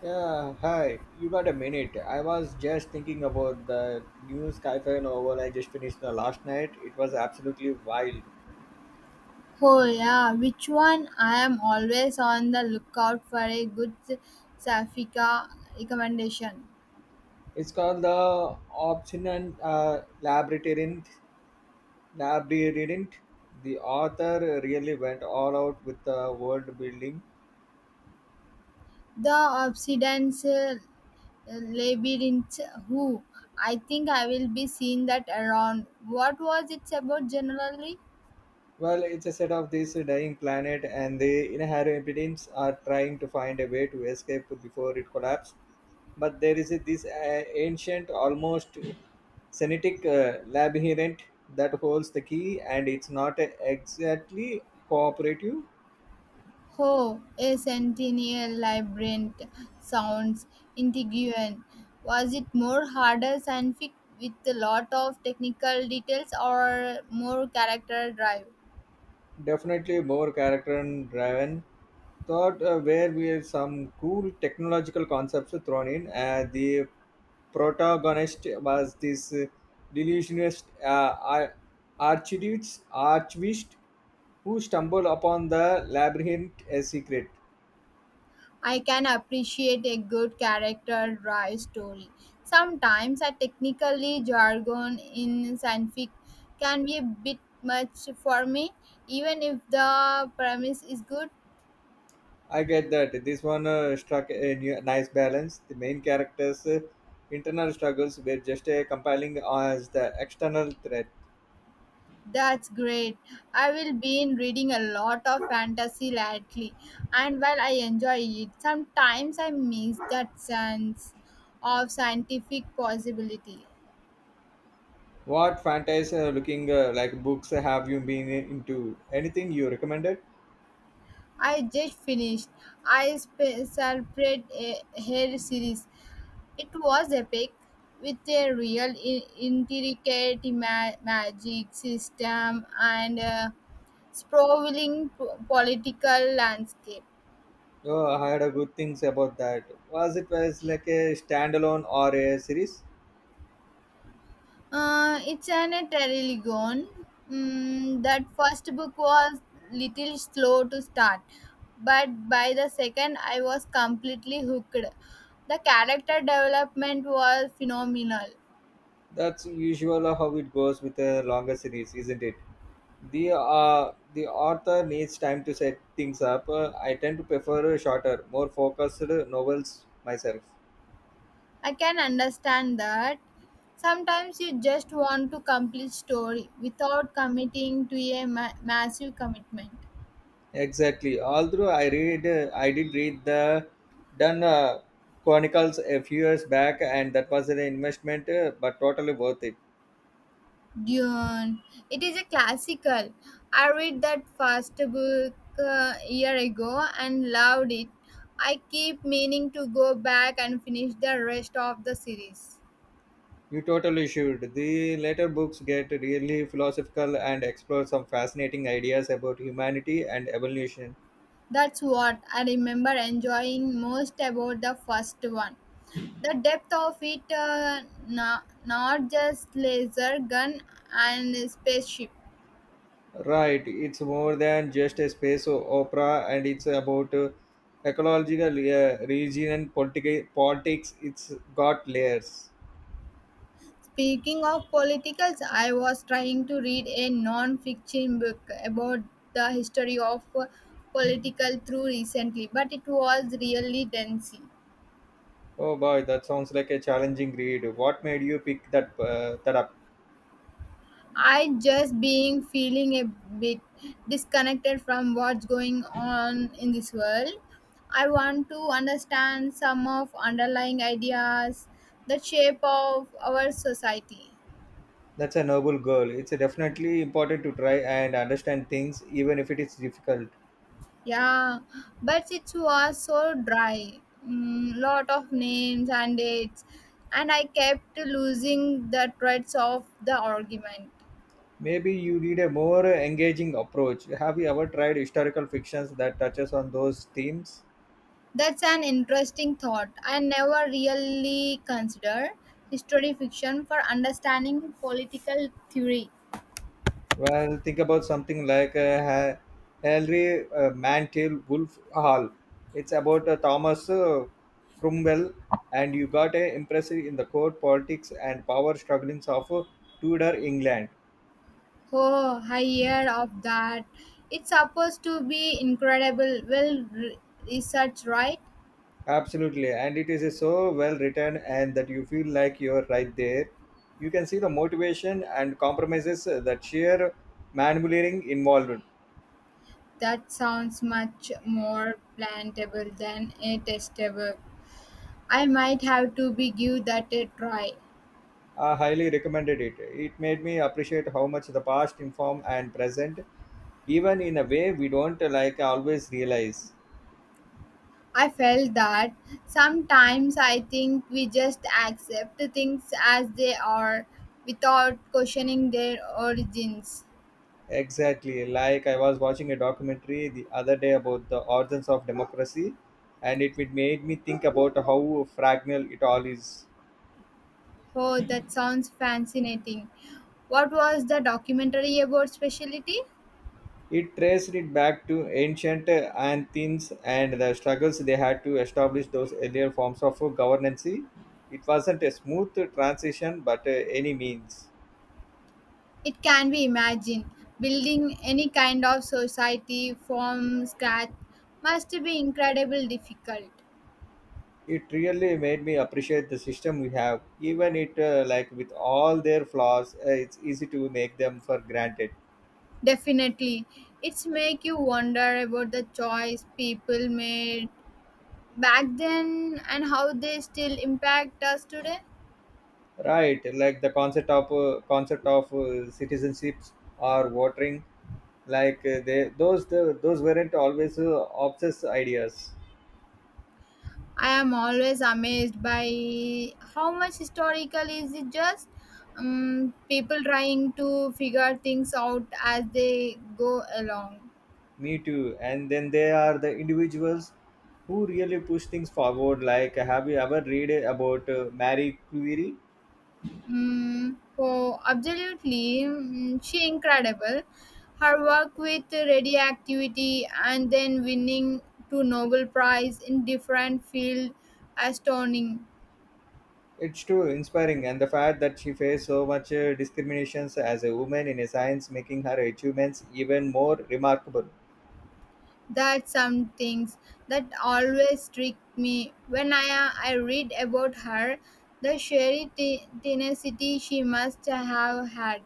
Yeah, hi. You got a minute? I was just thinking about the new sci-fi novel I just finished the last night. It was absolutely wild. Oh yeah, which one? I am always on the lookout for a good Safika recommendation. It's called The Obstinate Labyrinth. Labyrinth. The author really went all out with the world building. The Obsidian's Labyrinth Who. I think I will be seeing that around. What was it about generally? Well, it's a set of this dying planet, and the inhabitants are trying to find a way to escape before it collapses. But there is this ancient, almost Senitic labyrinth that holds the key, and it's not exactly cooperative. Oh, a centennial labyrinth sounds intriguing. Was it more harder scientific with a lot of technical details or more character drive? Definitely more character and driven. Thought where we have some cool technological concepts thrown in. The protagonist was this delusionist ar- archduke, archpriest, who stumbled upon the labyrinth a secret. I can appreciate a good character drive story. Sometimes a technically jargon in science fic can be a bit much for me, even if the premise is good. I get that. This one struck a new, nice balance. The main character's internal struggles were just compelling as the external threat. That's great. I will be in reading a lot of fantasy lately, and while I enjoy it, sometimes I miss that sense of scientific possibility. What fantasy looking like books have you been into? Anything you recommended? I just finished separate a hair series. It was epic, with a real intricate magic system and a sprawling political landscape. Oh, I had a good things about that. Was it was like a standalone or a series? It's an Terrelligon. Mm, that first book was little slow to start, but by the second, I was completely hooked. The character development was phenomenal. That's usual how it goes with a longer series, isn't it? The author needs time to set things up. I tend to prefer shorter, more focused novels myself. I can understand that. Sometimes you just want to complete story without committing to a massive commitment. Exactly. Although I did read the Dun Chronicles a few years back, and that was an investment, but totally worth it. Dune. It is a classical. I read that first book a year ago and loved it. I keep meaning to go back and finish the rest of the series. You totally should. The later books get really philosophical and explore some fascinating ideas about humanity and evolution. That's what I remember enjoying most about the first one. The depth of it, not just laser gun and spaceship. Right, it's more than just a space opera, and it's about ecological region and politics. It's got layers. Speaking of politicals, I was trying to read a non-fiction book about the history of political through recently, but it was really dense. Oh boy, that sounds like a challenging read. What made you pick that up? I just being feeling a bit disconnected from what's going on in this world. I want to understand some of underlying ideas, the shape of our society. That's a noble goal. It's definitely important to try and understand things, even if it is difficult. Yeah, but it was so dry. Mm, lot of names and dates, and I kept losing the threads of the argument. Maybe you need a more engaging approach. Have you ever tried historical fictions that touches on those themes? That's an interesting thought. I never really considered history fiction for understanding political theory. Well, think about something like Henry Mantel Wolf Hall. It's about Thomas Cromwell, and you got a impressive in the court politics and power strugglings of Tudor England. Oh, I hear of that. It's supposed to be incredible. Well, re- research, right? Absolutely, and it is so well written, and that you feel like you're right there. You can see the motivation and compromises that sheer maneuvering involved. That sounds much more plantable than a test. I might have to be give that a try. I highly recommended it. It made me appreciate how much the past inform and present even in a way we don't like always realize. I felt that sometimes I think we just accept things as they are without questioning their origins. Exactly, like I was watching a documentary the other day about the origins of democracy, and it made me think about how fragile it all is. Oh, that sounds fascinating. What was the documentary about speciality? It traced it back to ancient Athens and the struggles they had to establish those earlier forms of governance. It wasn't a smooth transition but any means. It can be imagined. Building any kind of society from scratch must be incredibly difficult. It really made me appreciate the system we have. Even it like with all their flaws, it's easy to make them for granted. Definitely. It's make you wonder about the choice people made back then and how they still impact us today. Right, like the concept of citizenships or voting, like those weren't always obsessed ideas. I am always amazed by how much historical is it just people trying to figure things out as they go along. Me too. And then there are the individuals who really push things forward. Like, have you ever read about Marie Curie? Mm, so absolutely, mm, she incredible. Her work with radioactivity and then winning two Nobel Prize in different field, astounding. It's true, inspiring, and the fact that she faced so much discriminations as a woman in a science, making her achievements even more remarkable. That's some things that always trick me. When I read about her, the sheer tenacity she must have had.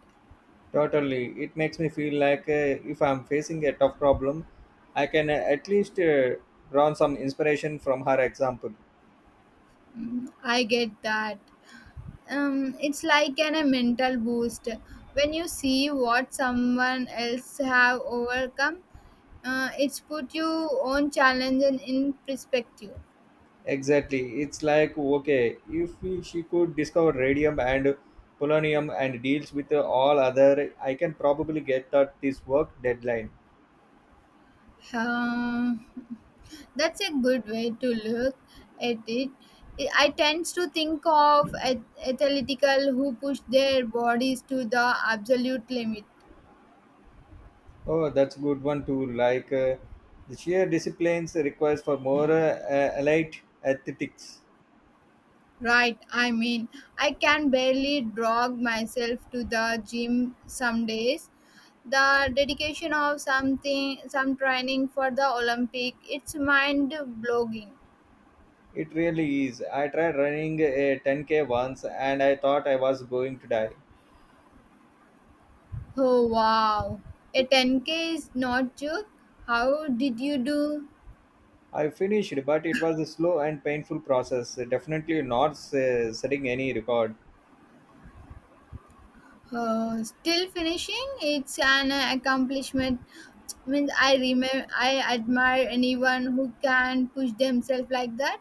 Totally, it makes me feel like if I'm facing a tough problem, I can at least draw some inspiration from her example. Mm, I get that. It's like a mental boost. When you see what someone else have overcome, it's put your own challenge in perspective. Exactly, it's like okay, if she could discover radium and polonium and deals with all other, I can probably get that this work deadline. Um, That's a good way to look at it. I tend to think of athletical who push their bodies to the absolute limit. Oh, that's good one too. Like the sheer disciplines requires for more elite athletics. Right, I mean, I can barely drag myself to the gym some days. The dedication of something, some training for the Olympic, it's mind blogging. It really is. I tried running a 10K once and I thought I was going to die. Oh wow, a 10K is not joke. How did you do? I finished, but it was a slow and painful process. Definitely not setting any record. Still finishing it's an accomplishment means I remember I admire anyone who can push themselves like that.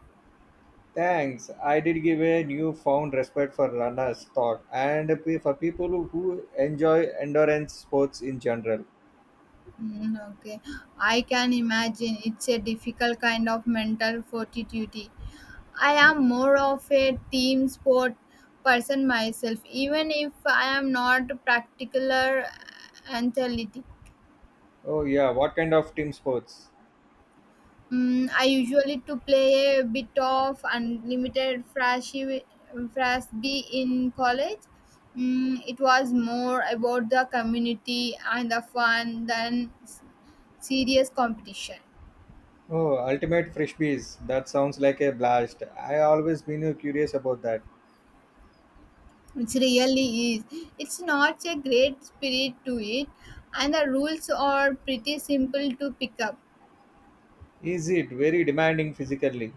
Thanks. I did give a newfound respect for runners' thought and for people who enjoy endurance sports in general. Mm, okay, I can imagine it's a difficult kind of mental fortitude. I am more of a team sport person myself, even if I am not a particular athlete. Oh yeah, what kind of team sports? Mm, I usually to play a bit of unlimited frisbee in college. Mm, it was more about the community and the fun than serious competition. Oh, Ultimate Frisbees. That sounds like a blast. I always been curious about that. It really is. It's not a great spirit to it, and the rules are pretty simple to pick up. Is it very demanding physically?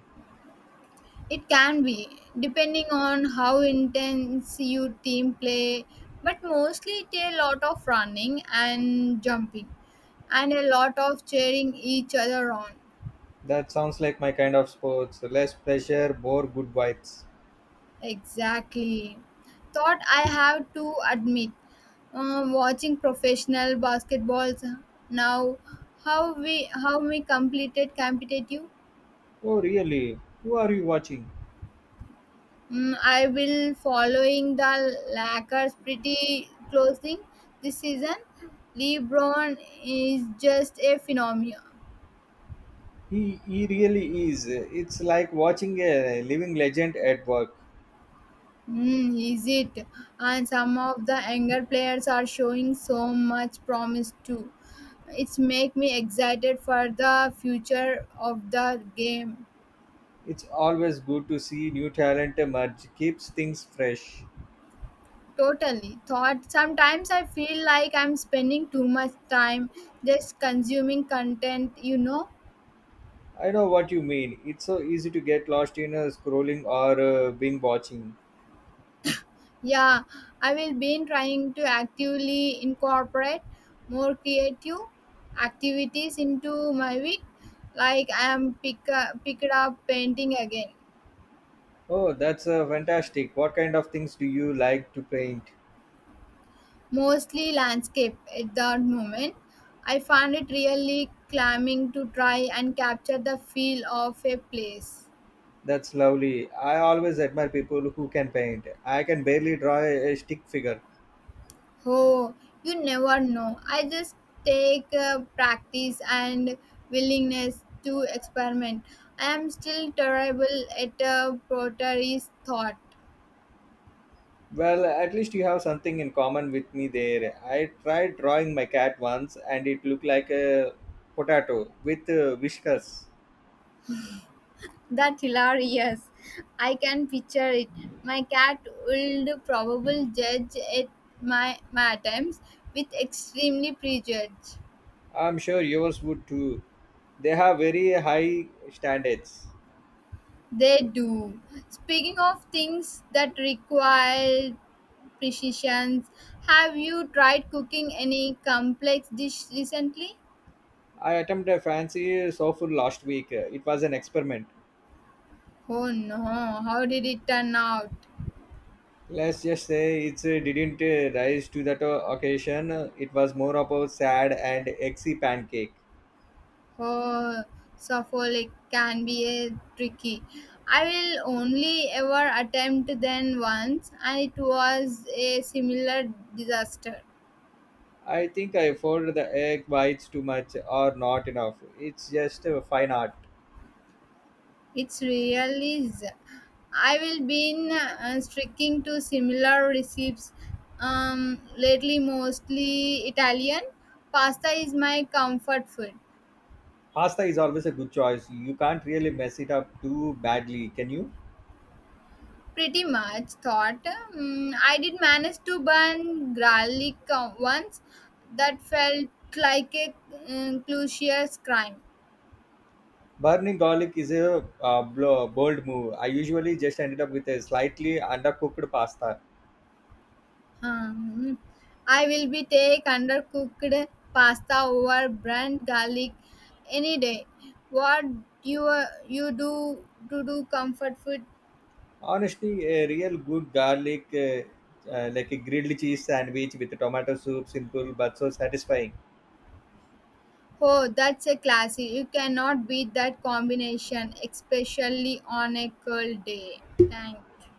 It can be, depending on how intense your team play, but mostly it's a lot of running and jumping and a lot of cheering each other on. That sounds like my kind of sports. Less pressure, more good vibes. Exactly. Thought I have to admit, watching professional basketballs now, how we completed competitive. Oh, really? Who are you watching? Mm, I will following the Lakers pretty closely this season. LeBron is just a phenomenon. He really is. It's like watching a living legend at work. Mm, is it? And some of the younger players are showing so much promise too. It's make me excited for the future of the game. It's always good to see new talent emerge, keeps things fresh. Totally. Thought sometimes I feel like I'm spending too much time just consuming content. I know what you mean. It's so easy to get lost in scrolling or being watching. Yeah, I will be trying to actively incorporate more creative activities into my week. Like I am picked up painting again, Oh, that's fantastic. What kind of things do you like to paint? mostly landscape at that moment. I found it really calming to try and capture the feel of a place. That's lovely. I always admire people who can paint. I can barely draw a stick figure. Oh, you never know. I just take practice and willingness to experiment. I am still terrible at a pottery's thought. Well, at least you have something in common with me there. I tried drawing my cat once and it looked like a potato with whiskers. That's hilarious. I can picture it. My cat would probably judge at my attempts with extremely prejudice. I'm sure yours would too. They have very high standards. They do. Speaking of things that require precisions. Have you tried cooking any complex dish recently? I attempted a fancy sofa last week. It was an experiment. Oh no, how did it turn out? Let's just say it didn't rise to that occasion. It was more of a sad and eggsy pancake. Oh, Suffolk can be a tricky. I will only ever attempt then once, and it was a similar disaster. I think I folded the egg whites too much or not enough. It's just a fine art. It's really is. I will been sticking to similar recipes lately, mostly Italian. Pasta is my comfort food. Pasta is always a good choice. You can't really mess it up too badly, can you? Pretty much thought I did manage to burn garlic once. That felt like a crucial crime. Burning garlic is a bold move. I usually just ended up with a slightly undercooked pasta. Um, I will be take undercooked pasta over brand garlic any day. What you you do to do comfort food? Honestly, a real good garlic, like a grilled cheese sandwich with tomato soup, simple but so satisfying. Oh, that's a classy. You cannot beat that combination, especially on a cold day. Thank you.